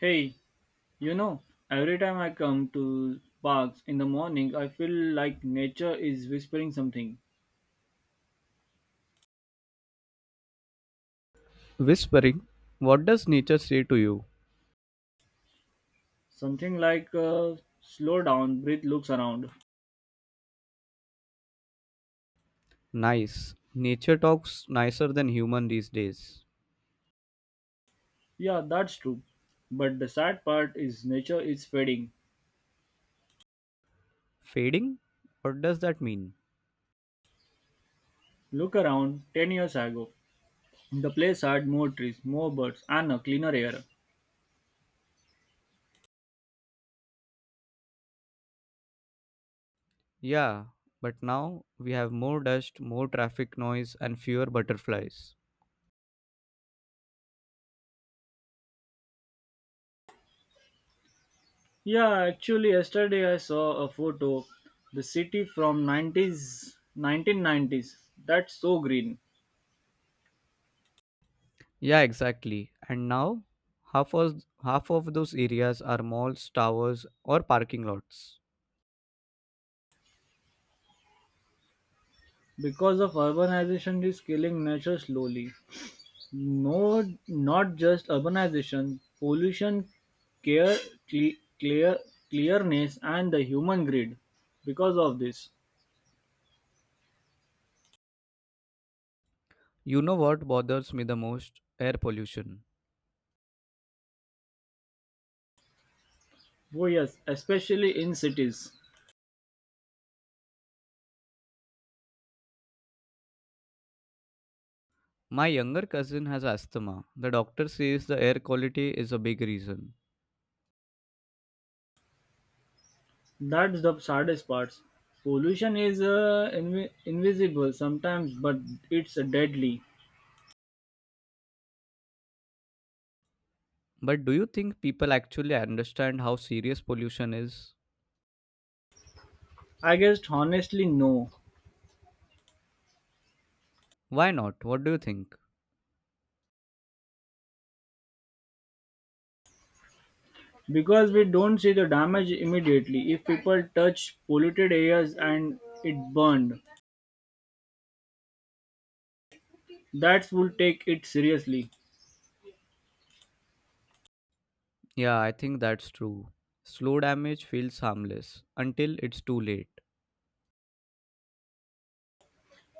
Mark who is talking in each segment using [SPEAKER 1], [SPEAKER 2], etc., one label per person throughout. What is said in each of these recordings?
[SPEAKER 1] Hey, you know, every time I come to parks in the morning, I feel like nature is whispering something.
[SPEAKER 2] Whispering, what does nature say to you?
[SPEAKER 1] Something like, slow down, breathe, looks around.
[SPEAKER 2] Nice. Nature talks nicer than human these days.
[SPEAKER 1] Yeah, that's true. But the sad part is nature is fading.
[SPEAKER 2] Fading? What does that mean?
[SPEAKER 1] Look around 10 years ago. The place had more trees, more birds, and a cleaner air.
[SPEAKER 2] Yeah, but now we have more dust, more traffic noise, and fewer butterflies.
[SPEAKER 1] Yeah, actually, yesterday I saw a photo. The city from 1990s. That's so green.
[SPEAKER 2] Yeah, exactly. And now half of those areas are malls, towers, or parking lots.
[SPEAKER 1] Because of urbanization is killing nature slowly. No, not just urbanization, pollution, care, cle- clear, clearness, and the human greed. Because of this,
[SPEAKER 2] You know what bothers me the most? Air pollution.
[SPEAKER 1] oh yes, especially in cities.
[SPEAKER 2] My younger cousin has asthma. The doctor says the air quality is a big reason.
[SPEAKER 1] That's the saddest part. Pollution is invisible sometimes, but it's deadly.
[SPEAKER 2] But do you think people actually understand how serious pollution is?
[SPEAKER 1] I guess honestly, no.
[SPEAKER 2] Why not? What do you think?
[SPEAKER 1] Because we don't see the damage immediately. If people touch polluted areas and it burned, that would take it seriously.
[SPEAKER 2] Yeah, I think that's true. Slow damage feels harmless until it's too late.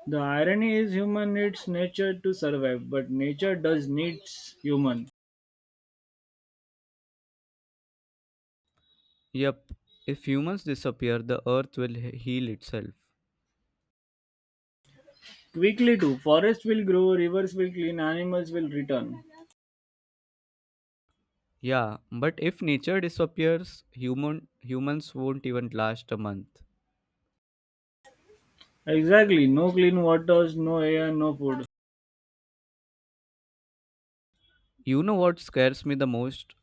[SPEAKER 1] The irony is human needs nature to survive, but nature does needs human.
[SPEAKER 2] Yep, if humans disappear, the earth will heal itself.
[SPEAKER 1] Quickly too, forests will grow, rivers will clean, animals will return.
[SPEAKER 2] Yeah, but if nature disappears, humans won't even last a month.
[SPEAKER 1] Exactly, no clean waters, no air, no food.
[SPEAKER 2] You know what scares me the most?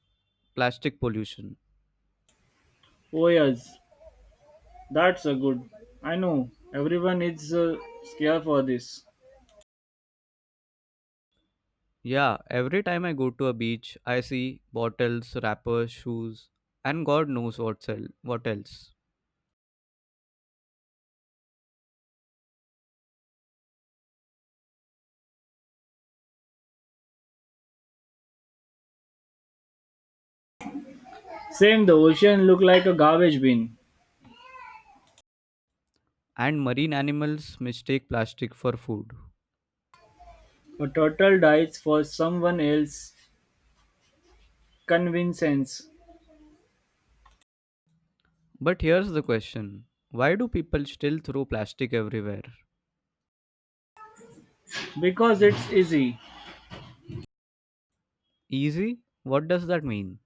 [SPEAKER 2] Plastic pollution.
[SPEAKER 1] Oh yes, that's a good. I know, everyone is scared for this.
[SPEAKER 2] Yeah, every time I go to a beach, I see bottles, wrappers, shoes, and God knows what, sell, what else.
[SPEAKER 1] Same, the ocean look like a garbage bin.
[SPEAKER 2] And marine animals mistake plastic for food.
[SPEAKER 1] A turtle dies for someone else's convenience
[SPEAKER 2] But here's the question, why do people still throw plastic everywhere?
[SPEAKER 1] because it's easy.
[SPEAKER 2] Easy? What does that mean?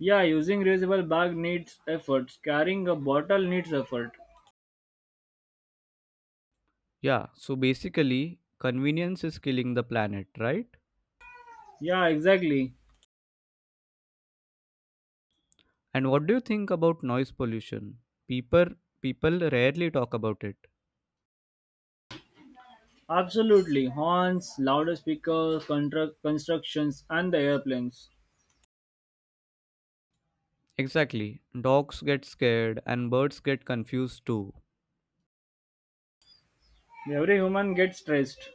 [SPEAKER 1] Yeah, using reusable bag needs effort. Carrying a bottle needs effort.
[SPEAKER 2] Yeah, so basically, convenience is killing the planet, right?
[SPEAKER 1] Yeah, exactly.
[SPEAKER 2] And what do you think about noise pollution? People, People rarely talk about it.
[SPEAKER 1] Absolutely. Horns, louder speakers, constructions, and the airplanes.
[SPEAKER 2] Exactly. Dogs get scared and birds get confused too.
[SPEAKER 1] Every human gets stressed.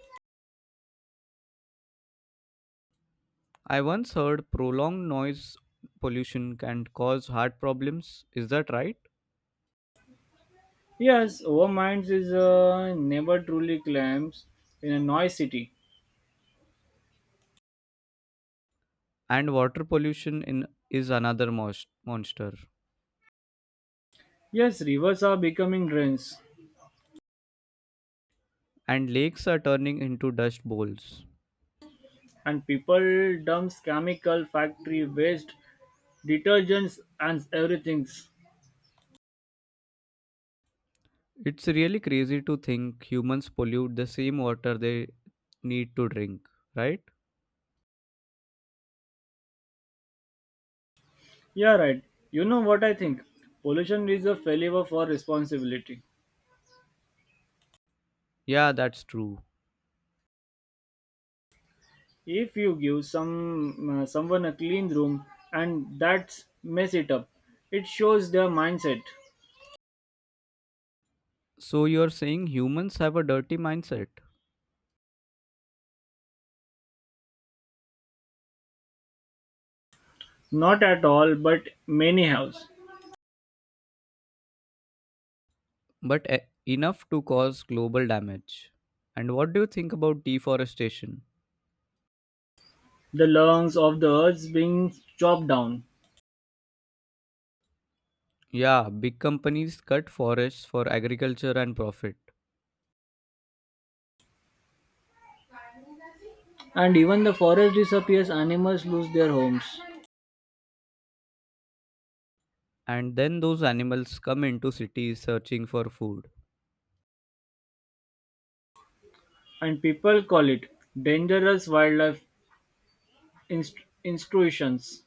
[SPEAKER 2] I once heard prolonged noise pollution can cause heart problems. Is that right?
[SPEAKER 1] Yes, our minds is never truly claims in a noise city.
[SPEAKER 2] And water pollution in is another most, monster.
[SPEAKER 1] Yes, rivers are becoming drains,
[SPEAKER 2] And lakes are turning into dust bowls.
[SPEAKER 1] and people dumps chemical, factory waste, detergents, and everything.
[SPEAKER 2] It's really crazy to think humans pollute the same water they need to drink, right?
[SPEAKER 1] Yeah, right. You know what I think? Pollution is a failure for responsibility.
[SPEAKER 2] Yeah, that's true.
[SPEAKER 1] If you give someone a clean room and that's mess it up, it shows their mindset.
[SPEAKER 2] So you're saying humans have a dirty mindset,
[SPEAKER 1] Not at all, but many house.
[SPEAKER 2] but enough to cause global damage. And what do you think about deforestation?
[SPEAKER 1] The lungs of the earth being chopped down,
[SPEAKER 2] Yeah, big companies cut forests for agriculture and profit.
[SPEAKER 1] and even the forest disappears. Animals lose their homes,
[SPEAKER 2] And then those animals come into cities searching for food,
[SPEAKER 1] and people call it dangerous wildlife institutions.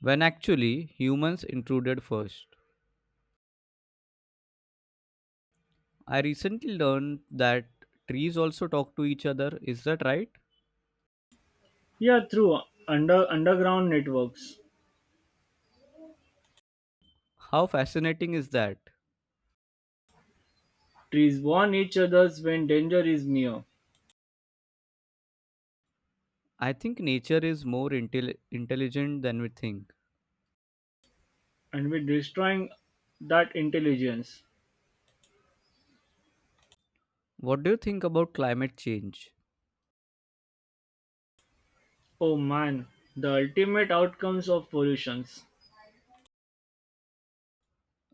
[SPEAKER 2] when actually humans intruded first. I recently learned that trees also talk to each other. Is that right?
[SPEAKER 1] Yeah, through underground networks.
[SPEAKER 2] How fascinating is that?
[SPEAKER 1] Trees warn each other when danger is near,
[SPEAKER 2] I think nature is more intelligent than we think.
[SPEAKER 1] and by destroying that intelligence,
[SPEAKER 2] What do you think about climate change?
[SPEAKER 1] oh man, the ultimate outcomes of pollution.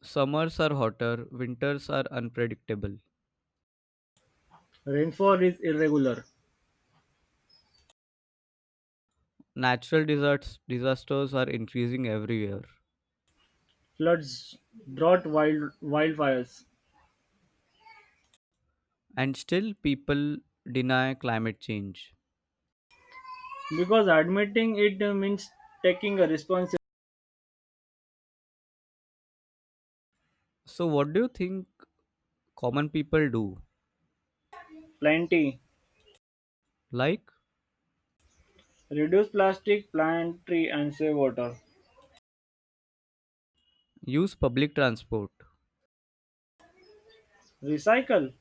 [SPEAKER 2] Summers are hotter, winters are unpredictable.
[SPEAKER 1] Rainfall is irregular,
[SPEAKER 2] Natural disasters are increasing every year.
[SPEAKER 1] floods, drought, wildfires.
[SPEAKER 2] And still people deny climate change.
[SPEAKER 1] Because admitting it means taking a responsibility.
[SPEAKER 2] So, what do you think common people do?
[SPEAKER 1] Plenty.
[SPEAKER 2] Like,
[SPEAKER 1] Reduce plastic, plant tree, and save water.
[SPEAKER 2] use public transport,
[SPEAKER 1] Recycle.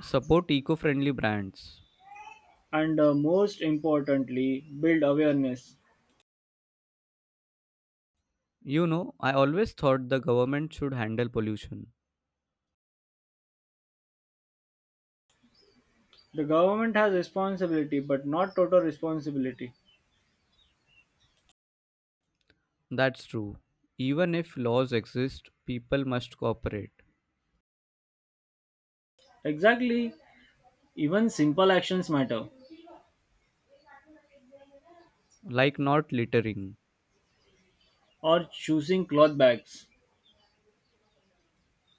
[SPEAKER 2] support eco friendly brands.
[SPEAKER 1] And most importantly, build awareness.
[SPEAKER 2] You know, I always thought the government should handle pollution.
[SPEAKER 1] The government has responsibility, but not total responsibility.
[SPEAKER 2] That's true. Even if laws exist, people must cooperate,
[SPEAKER 1] Exactly, even simple actions matter,
[SPEAKER 2] like not littering
[SPEAKER 1] or choosing cloth bags.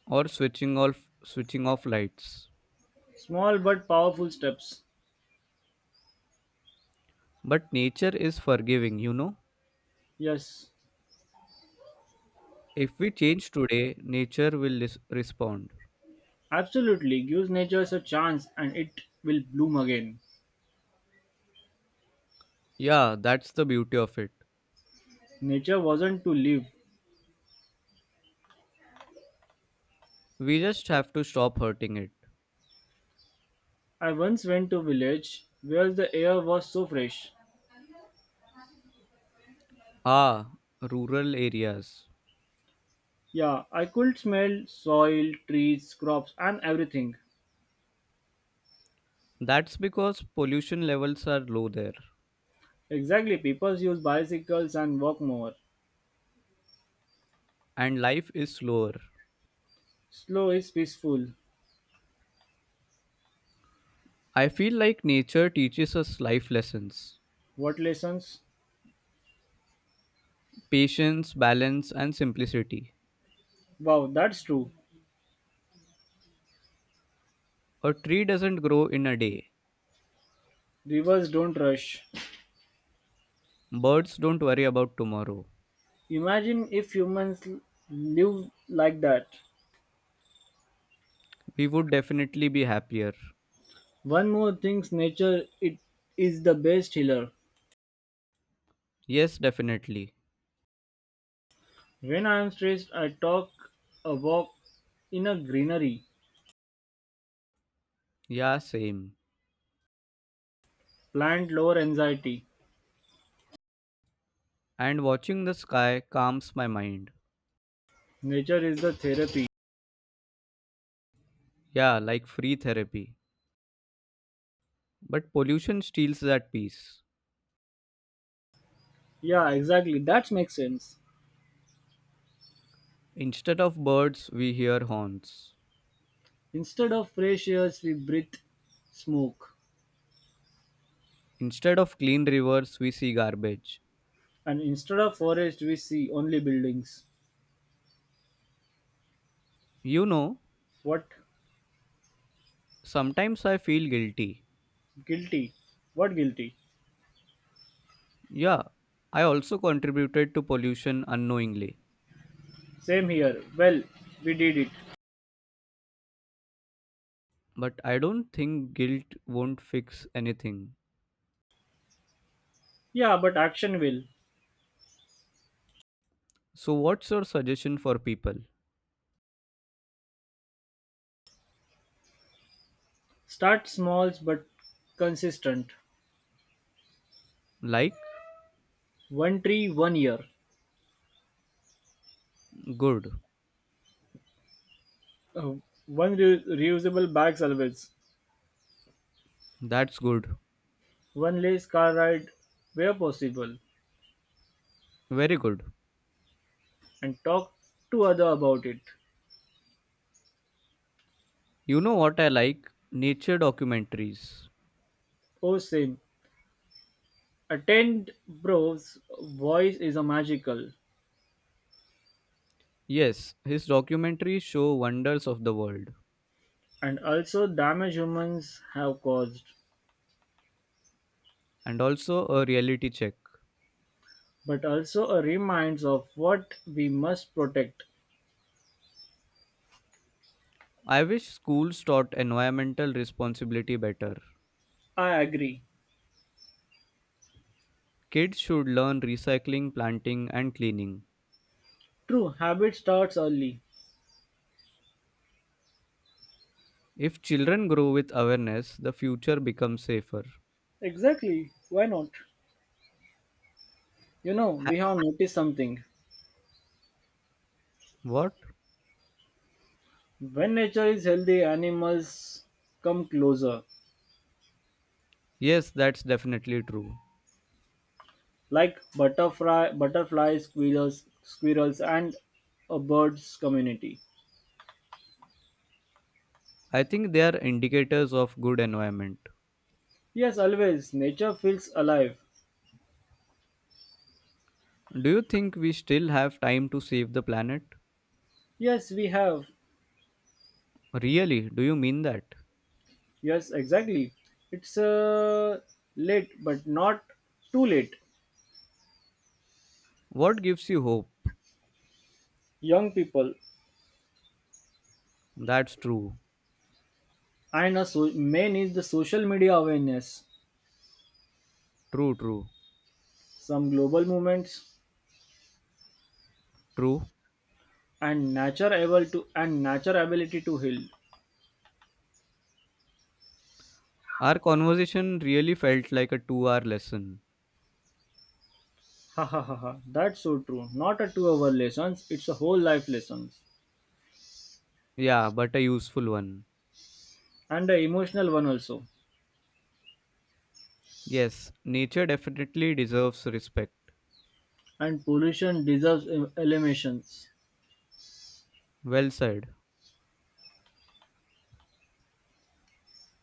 [SPEAKER 2] or switching off lights.
[SPEAKER 1] Small but powerful steps.
[SPEAKER 2] But nature is forgiving, you know.
[SPEAKER 1] Yes,
[SPEAKER 2] If we change today, nature will respond.
[SPEAKER 1] absolutely, gives nature a chance and it will bloom again.
[SPEAKER 2] Yeah, that's the beauty of it.
[SPEAKER 1] Nature wasn't to live.
[SPEAKER 2] We just have to stop hurting it.
[SPEAKER 1] I once went to a village where the air was so fresh.
[SPEAKER 2] Ah, rural areas.
[SPEAKER 1] Yeah, I could smell soil, trees, crops, and everything.
[SPEAKER 2] That's because pollution levels are low there
[SPEAKER 1] Exactly, people use bicycles and walk more.
[SPEAKER 2] and life is slower.
[SPEAKER 1] Slow is peaceful.
[SPEAKER 2] I feel like nature teaches us life lessons,
[SPEAKER 1] What lessons?
[SPEAKER 2] patience, balance, and simplicity.
[SPEAKER 1] Wow, that's true.
[SPEAKER 2] A tree doesn't grow in a day.
[SPEAKER 1] Rivers don't rush.
[SPEAKER 2] Birds don't worry about tomorrow.
[SPEAKER 1] Imagine if humans live like that.
[SPEAKER 2] We would definitely be happier.
[SPEAKER 1] One more thing, nature it is the best healer.
[SPEAKER 2] Yes, definitely.
[SPEAKER 1] When I am stressed, I talk a walk in a greenery,
[SPEAKER 2] Yeah, same.
[SPEAKER 1] plant lower anxiety.
[SPEAKER 2] And watching the sky calms my mind.
[SPEAKER 1] Nature is the therapy.
[SPEAKER 2] Yeah, like free therapy. But pollution steals that peace.
[SPEAKER 1] Yeah, exactly. That makes sense.
[SPEAKER 2] Instead of birds, we hear horns.
[SPEAKER 1] Instead of fresh air, we breathe smoke,
[SPEAKER 2] Instead of clean rivers, we see garbage.
[SPEAKER 1] and instead of forest, we see only buildings.
[SPEAKER 2] You know,
[SPEAKER 1] What
[SPEAKER 2] sometimes I feel guilty.
[SPEAKER 1] guilty? What guilty?
[SPEAKER 2] Yeah, I also contributed to pollution unknowingly.
[SPEAKER 1] Same here. Well, we did it.
[SPEAKER 2] But I don't think guilt won't fix anything.
[SPEAKER 1] Yeah, but action will.
[SPEAKER 2] So, what's your suggestion for people?
[SPEAKER 1] Start small but consistent.
[SPEAKER 2] Like,
[SPEAKER 1] One tree, one year.
[SPEAKER 2] good.
[SPEAKER 1] Uh, One reusable bag salvage.
[SPEAKER 2] That's good.
[SPEAKER 1] One lace car ride where possible.
[SPEAKER 2] Very good.
[SPEAKER 1] And talk to other about it.
[SPEAKER 2] You know what I like? Nature documentaries.
[SPEAKER 1] Oh, same. Attend bros. Voice is a magical.
[SPEAKER 2] Yes, his documentaries show wonders of the world.
[SPEAKER 1] And also damage humans have caused.
[SPEAKER 2] And also a reality check.
[SPEAKER 1] But also a reminds of what we must protect.
[SPEAKER 2] I wish schools taught environmental responsibility better.
[SPEAKER 1] I agree.
[SPEAKER 2] Kids should learn recycling, planting, and cleaning.
[SPEAKER 1] True, habit starts early.
[SPEAKER 2] If children grow with awareness, the future becomes safer.
[SPEAKER 1] Exactly. Why not? You know,
[SPEAKER 2] Ha-
[SPEAKER 1] we have noticed something.
[SPEAKER 2] what?
[SPEAKER 1] When nature is healthy, animals come closer,
[SPEAKER 2] Yes, that's definitely true.
[SPEAKER 1] like butterflies, squirrels, and a bird's community.
[SPEAKER 2] I think they are indicators of good environment.
[SPEAKER 1] Yes, always nature feels alive.
[SPEAKER 2] Do you think we still have time to save the planet?
[SPEAKER 1] Yes, we have.
[SPEAKER 2] Really? Do you mean that?
[SPEAKER 1] Yes, exactly. It's late, but not too late.
[SPEAKER 2] What gives you hope?
[SPEAKER 1] Young people
[SPEAKER 2] That's true.
[SPEAKER 1] and main is the social media awareness,
[SPEAKER 2] True, true.
[SPEAKER 1] some global movements,
[SPEAKER 2] True.
[SPEAKER 1] and nature ability to heal.
[SPEAKER 2] Our conversation really felt like a 2 hour lesson.
[SPEAKER 1] Ha ha ha ha. That's so true. Not a 2 hour lessons, it's a whole life lessons.
[SPEAKER 2] Yeah, but a useful one.
[SPEAKER 1] And a emotional one also.
[SPEAKER 2] Yes, nature definitely deserves respect.
[SPEAKER 1] And pollution deserves eliminations.
[SPEAKER 2] Well said.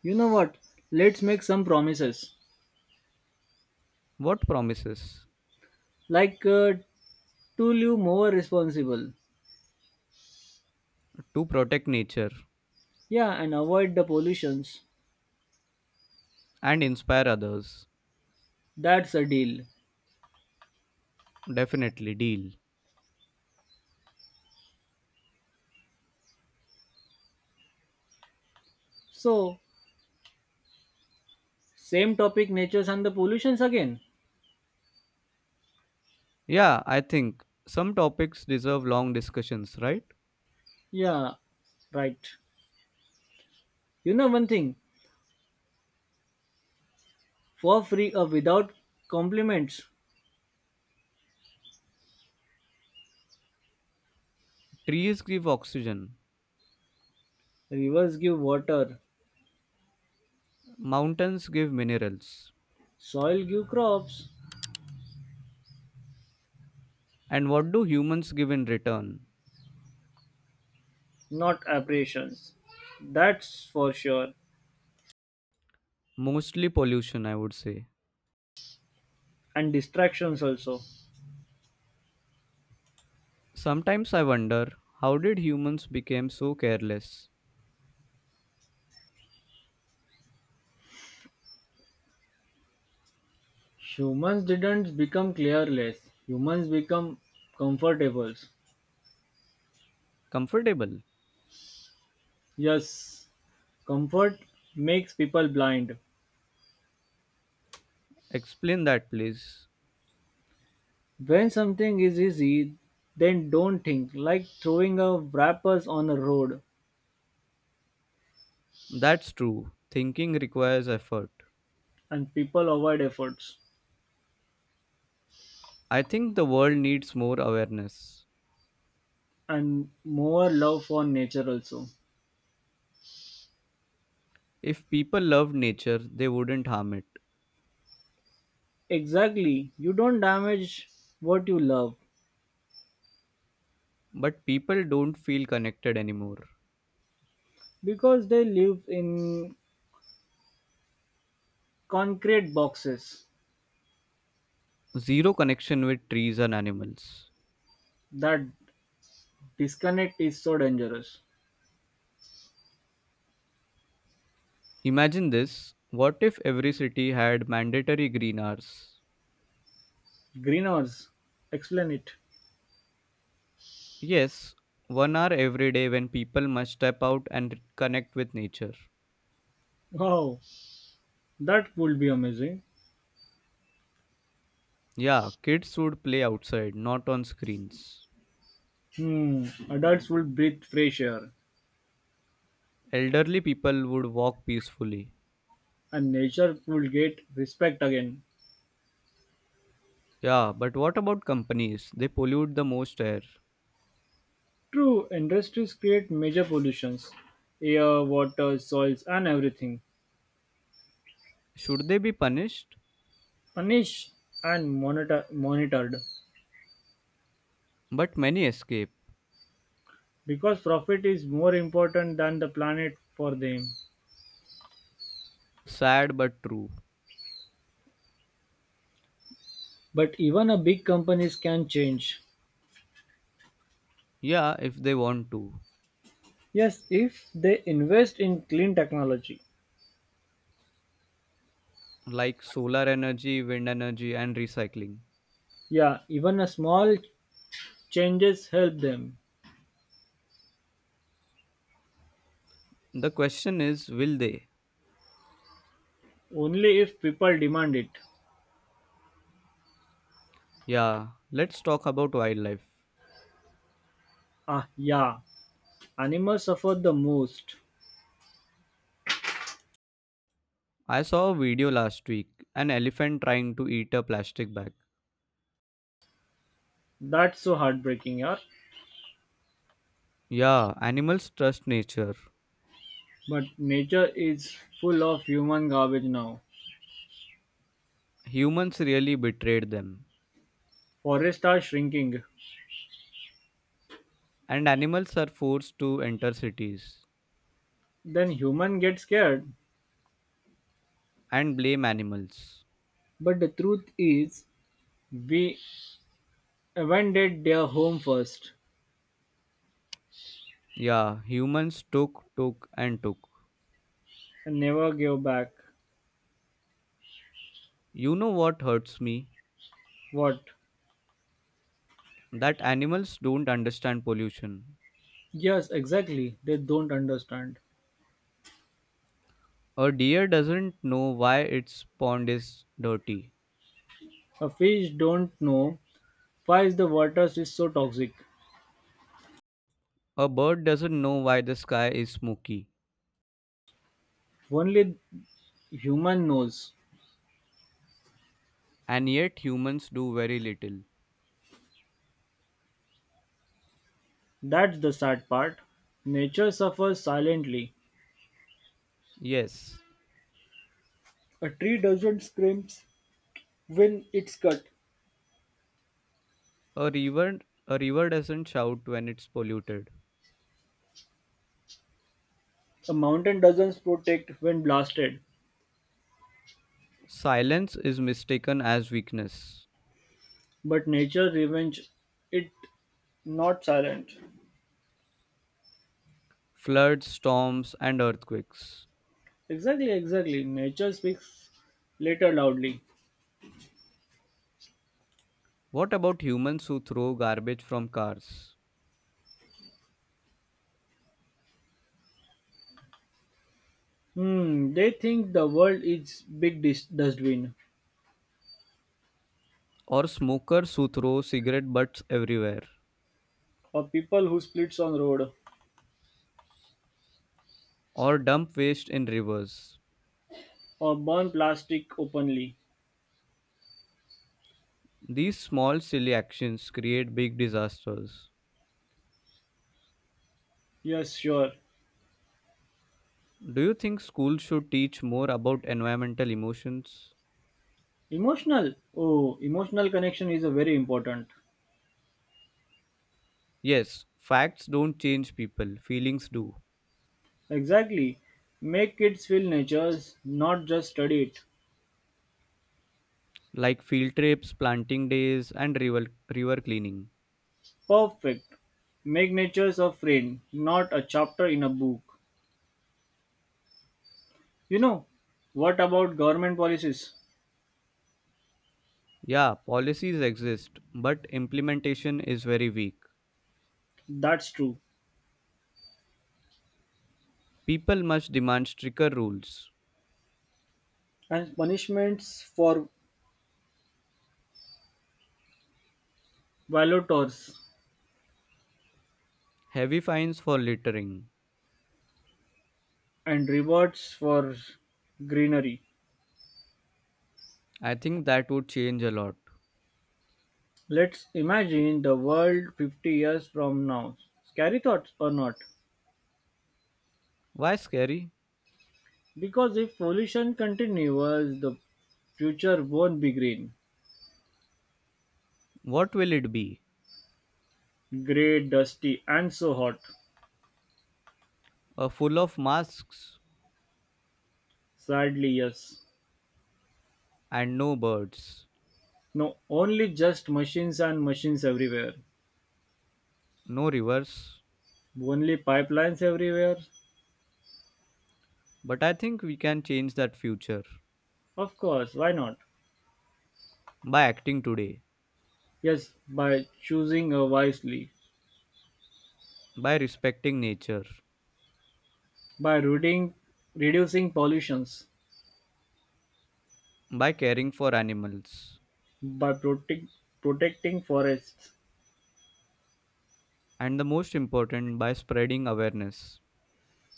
[SPEAKER 1] You know what? Let's make some promises.
[SPEAKER 2] What promises?
[SPEAKER 1] Like to live more responsible.
[SPEAKER 2] To protect nature
[SPEAKER 1] Yeah, and avoid the pollutions.
[SPEAKER 2] and inspire others.
[SPEAKER 1] That's a deal.
[SPEAKER 2] Definitely, deal.
[SPEAKER 1] So, same topic, natures and the pollutions again.
[SPEAKER 2] Yeah, I think some topics deserve long discussions, right?
[SPEAKER 1] Yeah, right. You know one thing, for free or without compliments,
[SPEAKER 2] Trees give oxygen,
[SPEAKER 1] rivers give water,
[SPEAKER 2] mountains give minerals.
[SPEAKER 1] soil give crops,
[SPEAKER 2] And what do humans give in return?
[SPEAKER 1] not aberrations, that's for sure.
[SPEAKER 2] Mostly pollution, I would say.
[SPEAKER 1] And distractions also.
[SPEAKER 2] Sometimes I wonder how did humans became so careless?
[SPEAKER 1] Humans didn't become careless. Humans become comfortable.
[SPEAKER 2] Comfortable?
[SPEAKER 1] Yes, comfort makes people blind.
[SPEAKER 2] Explain that please.
[SPEAKER 1] When something is easy, then don't think, like throwing a wrappers on a road,
[SPEAKER 2] That's true. Thinking requires effort.
[SPEAKER 1] and people avoid efforts
[SPEAKER 2] I think the world needs more awareness.
[SPEAKER 1] and more love for nature also.
[SPEAKER 2] If people loved nature, they wouldn't harm it.
[SPEAKER 1] Exactly, you don't damage what you love
[SPEAKER 2] But people don't feel connected anymore.
[SPEAKER 1] because they live in concrete boxes.
[SPEAKER 2] Zero connection with trees and animals.
[SPEAKER 1] That disconnect is so dangerous.
[SPEAKER 2] Imagine this. What if every city had mandatory green hours?
[SPEAKER 1] Greeners, explain it.
[SPEAKER 2] Yes, 1 hour every day when people must step out and connect with nature.
[SPEAKER 1] Wow, that would be amazing.
[SPEAKER 2] Yeah, kids would play outside, not on screens.
[SPEAKER 1] Hmm, adults would breathe fresh air
[SPEAKER 2] Elderly people would walk peacefully.
[SPEAKER 1] and nature would get respect again.
[SPEAKER 2] Yeah, but what about companies? They pollute the most air.
[SPEAKER 1] True, industries create major pollutions air, water, soils, and everything.
[SPEAKER 2] Should they be punished?
[SPEAKER 1] Punished and monitored
[SPEAKER 2] But many escape.
[SPEAKER 1] because profit is more important than the planet for them.
[SPEAKER 2] Sad but true.
[SPEAKER 1] But even a big companies can change.
[SPEAKER 2] Yeah, if they want to.
[SPEAKER 1] Yes, if they invest in clean technology.
[SPEAKER 2] Like solar energy, wind energy, and recycling.
[SPEAKER 1] Yeah, even a small changes help them.
[SPEAKER 2] The question is will they?
[SPEAKER 1] Only if people demand it.
[SPEAKER 2] Yeah, let's talk about wildlife.
[SPEAKER 1] Ah, yeah, animals suffer the most.
[SPEAKER 2] I saw a video last week, an elephant trying to eat a plastic bag.
[SPEAKER 1] That's so heartbreaking, yeah.
[SPEAKER 2] Yeah, animals trust nature.
[SPEAKER 1] But nature is full of human garbage now.
[SPEAKER 2] Humans really betrayed them,
[SPEAKER 1] Forests are shrinking.
[SPEAKER 2] and animals are forced to enter cities
[SPEAKER 1] Then human get scared.
[SPEAKER 2] and blame animals.
[SPEAKER 1] But the truth is, we abandoned their home first
[SPEAKER 2] Yeah, humans took, took, and took.
[SPEAKER 1] and never gave back.
[SPEAKER 2] You know what hurts me?
[SPEAKER 1] What?
[SPEAKER 2] That animals don't understand pollution.
[SPEAKER 1] Yes, exactly. They don't understand.
[SPEAKER 2] A deer doesn't know why its pond is dirty.
[SPEAKER 1] A fish don't know why the water is so toxic.
[SPEAKER 2] A bird doesn't know why the sky is smoky.
[SPEAKER 1] Only human knows.
[SPEAKER 2] And yet humans do very little.
[SPEAKER 1] That's the sad part. Nature suffers silently.
[SPEAKER 2] Yes,
[SPEAKER 1] A tree doesn't scream when it's cut.
[SPEAKER 2] a river a river doesn't shout when it's polluted.
[SPEAKER 1] A mountain doesn't protect when blasted.
[SPEAKER 2] Silence is mistaken as weakness.
[SPEAKER 1] But nature revenge it not silent.
[SPEAKER 2] Floods, storms, and earthquakes.
[SPEAKER 1] Exactly. Nature speaks later loudly.
[SPEAKER 2] What about humans who throw garbage from cars?
[SPEAKER 1] Hmm, they think the world is big dustbin
[SPEAKER 2] Or smokers who throw cigarette butts everywhere?
[SPEAKER 1] or people who splits on road.
[SPEAKER 2] Or dump waste in rivers?
[SPEAKER 1] Or burn plastic openly.
[SPEAKER 2] These small, silly actions create big disasters.
[SPEAKER 1] Yes, sure.
[SPEAKER 2] Do you think schools should teach more about environmental emotions?
[SPEAKER 1] Emotional. Oh, emotional connection is a very important.
[SPEAKER 2] Yes, facts don't change people, feelings do.
[SPEAKER 1] Exactly. Make kids feel nature's, not just study it.
[SPEAKER 2] Like field trips, planting days, and river cleaning.
[SPEAKER 1] Perfect. Make nature's a friend, not a chapter in a book. You know, what about government policies?
[SPEAKER 2] Yeah, policies exist, but implementation is very weak.
[SPEAKER 1] That's true.
[SPEAKER 2] People must demand stricter rules,
[SPEAKER 1] And punishments for violators
[SPEAKER 2] heavy fines for littering.
[SPEAKER 1] and rewards for greenery.
[SPEAKER 2] I think that would change a lot.
[SPEAKER 1] Let's imagine the world 50 years from now. Scary thoughts or not?
[SPEAKER 2] Why scary?
[SPEAKER 1] Because if pollution continues, the future won't be green.
[SPEAKER 2] What will it be?
[SPEAKER 1] Grey, dusty, and so hot.
[SPEAKER 2] A full of masks
[SPEAKER 1] Sadly, yes.
[SPEAKER 2] and no birds,
[SPEAKER 1] No, only just machines and machines everywhere.
[SPEAKER 2] no rivers.
[SPEAKER 1] Only pipelines everywhere.
[SPEAKER 2] But I think we can change that future
[SPEAKER 1] Of course, why not?
[SPEAKER 2] by acting today,
[SPEAKER 1] Yes, by choosing wisely,
[SPEAKER 2] by respecting nature,
[SPEAKER 1] by reading, reducing pollutions,
[SPEAKER 2] by caring for animals,
[SPEAKER 1] by protecting forests.
[SPEAKER 2] and the most important, by spreading awareness.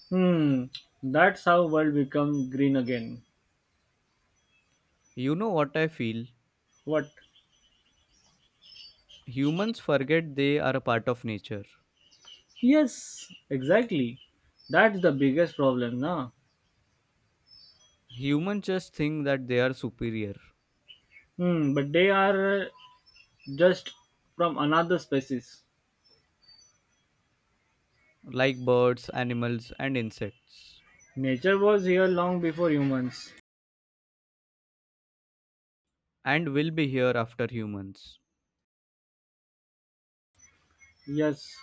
[SPEAKER 1] Hmm, that's how world become green again.
[SPEAKER 2] You know what I feel?
[SPEAKER 1] What?
[SPEAKER 2] Humans forget they are a part of nature.
[SPEAKER 1] Yes, exactly. That's the biggest problem, now.
[SPEAKER 2] Humans just think that they are superior,
[SPEAKER 1] Hmm, but they are just from another species.
[SPEAKER 2] like birds, animals, and insects,
[SPEAKER 1] Nature was here long before humans.
[SPEAKER 2] and will be here after humans.
[SPEAKER 1] Yes.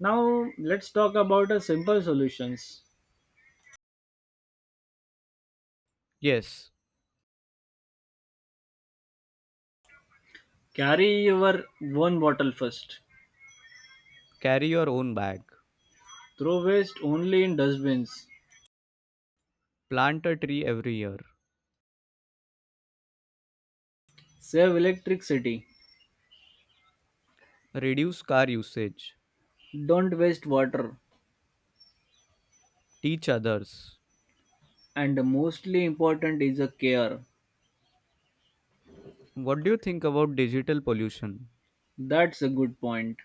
[SPEAKER 1] Now let's talk about a simple solutions.
[SPEAKER 2] Yes,
[SPEAKER 1] Carry your one bottle first.
[SPEAKER 2] carry your own bag,
[SPEAKER 1] Throw waste only in dustbins.
[SPEAKER 2] plant a tree every year,
[SPEAKER 1] Save electricity.
[SPEAKER 2] reduce car usage,
[SPEAKER 1] Don't waste water.
[SPEAKER 2] teach others.
[SPEAKER 1] And the mostly important is a care.
[SPEAKER 2] What do you think about digital pollution?
[SPEAKER 1] That's a good point.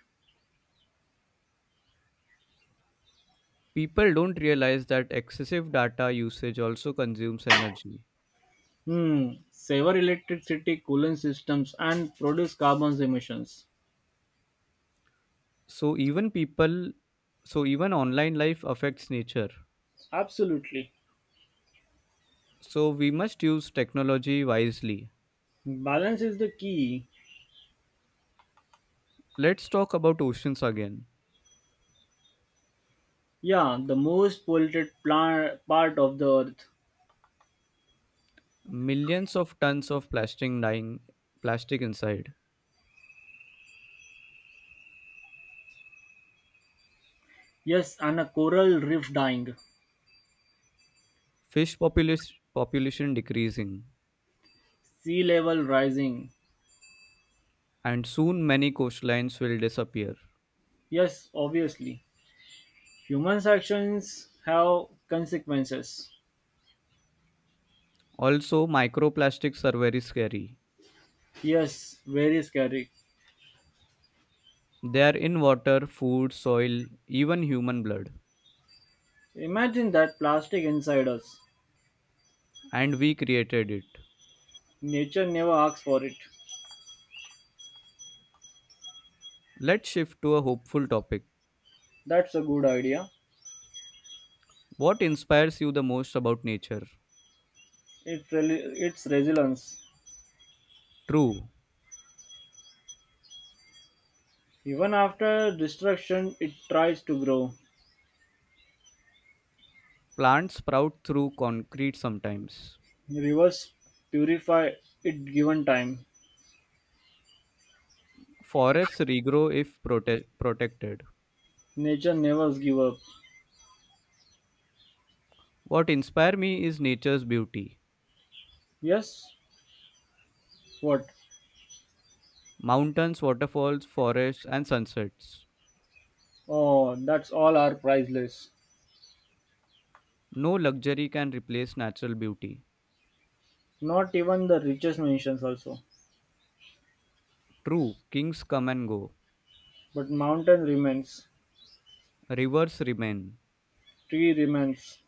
[SPEAKER 2] People don't realize that excessive data usage also consumes energy.
[SPEAKER 1] Hmm. Sever electricity, cooling systems, and produce carbon emissions.
[SPEAKER 2] So even people, so even online life affects nature.
[SPEAKER 1] Absolutely.
[SPEAKER 2] So we must use technology wisely.
[SPEAKER 1] Balance is the key.
[SPEAKER 2] Let's talk about oceans again.
[SPEAKER 1] Yeah, the most polluted plant part of the earth.
[SPEAKER 2] Millions of tons of plastic inside.
[SPEAKER 1] Yes, and a coral reef dying.
[SPEAKER 2] Fish population population decreasing
[SPEAKER 1] Sea level rising.
[SPEAKER 2] and soon many coastlines will disappear.
[SPEAKER 1] Yes, obviously. Humans' actions have consequences.
[SPEAKER 2] Also microplastics are very scary.
[SPEAKER 1] Yes, very scary.
[SPEAKER 2] They are in water, food, soil, even human blood
[SPEAKER 1] Imagine that plastic inside us.
[SPEAKER 2] and we created it.
[SPEAKER 1] Nature never asks for it.
[SPEAKER 2] Let's shift to a hopeful topic.
[SPEAKER 1] That's a good idea.
[SPEAKER 2] What inspires you the most about nature?
[SPEAKER 1] Its resilience.
[SPEAKER 2] True,
[SPEAKER 1] Even after destruction, it tries to grow.
[SPEAKER 2] plants sprout through concrete sometimes.
[SPEAKER 1] Rivers purify it given time.
[SPEAKER 2] Forests regrow if protected.
[SPEAKER 1] Nature never gives up.
[SPEAKER 2] What inspire me is nature's beauty.
[SPEAKER 1] Yes? What?
[SPEAKER 2] Mountains, waterfalls, forests, and sunsets.
[SPEAKER 1] Oh, that's all are priceless.
[SPEAKER 2] No luxury can replace natural beauty.
[SPEAKER 1] Not even the richest mentions also.
[SPEAKER 2] True, kings come and go.
[SPEAKER 1] But mountain remains.
[SPEAKER 2] Rivers remain.
[SPEAKER 1] Tree remains.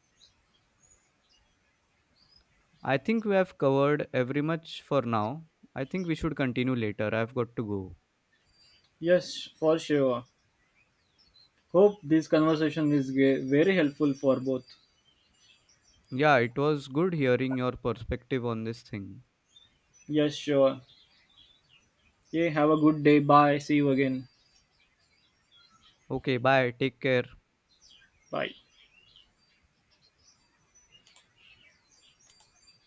[SPEAKER 2] I think we have covered every much for now. I think we should continue later. I've got to go.
[SPEAKER 1] Yes, for sure. Hope this conversation is very helpful for both.
[SPEAKER 2] Yeah, it was good hearing your perspective on this thing.
[SPEAKER 1] Yes, sure. Yeah, have a good day. Bye. See you again.
[SPEAKER 2] Okay, bye. Take care.
[SPEAKER 1] Bye.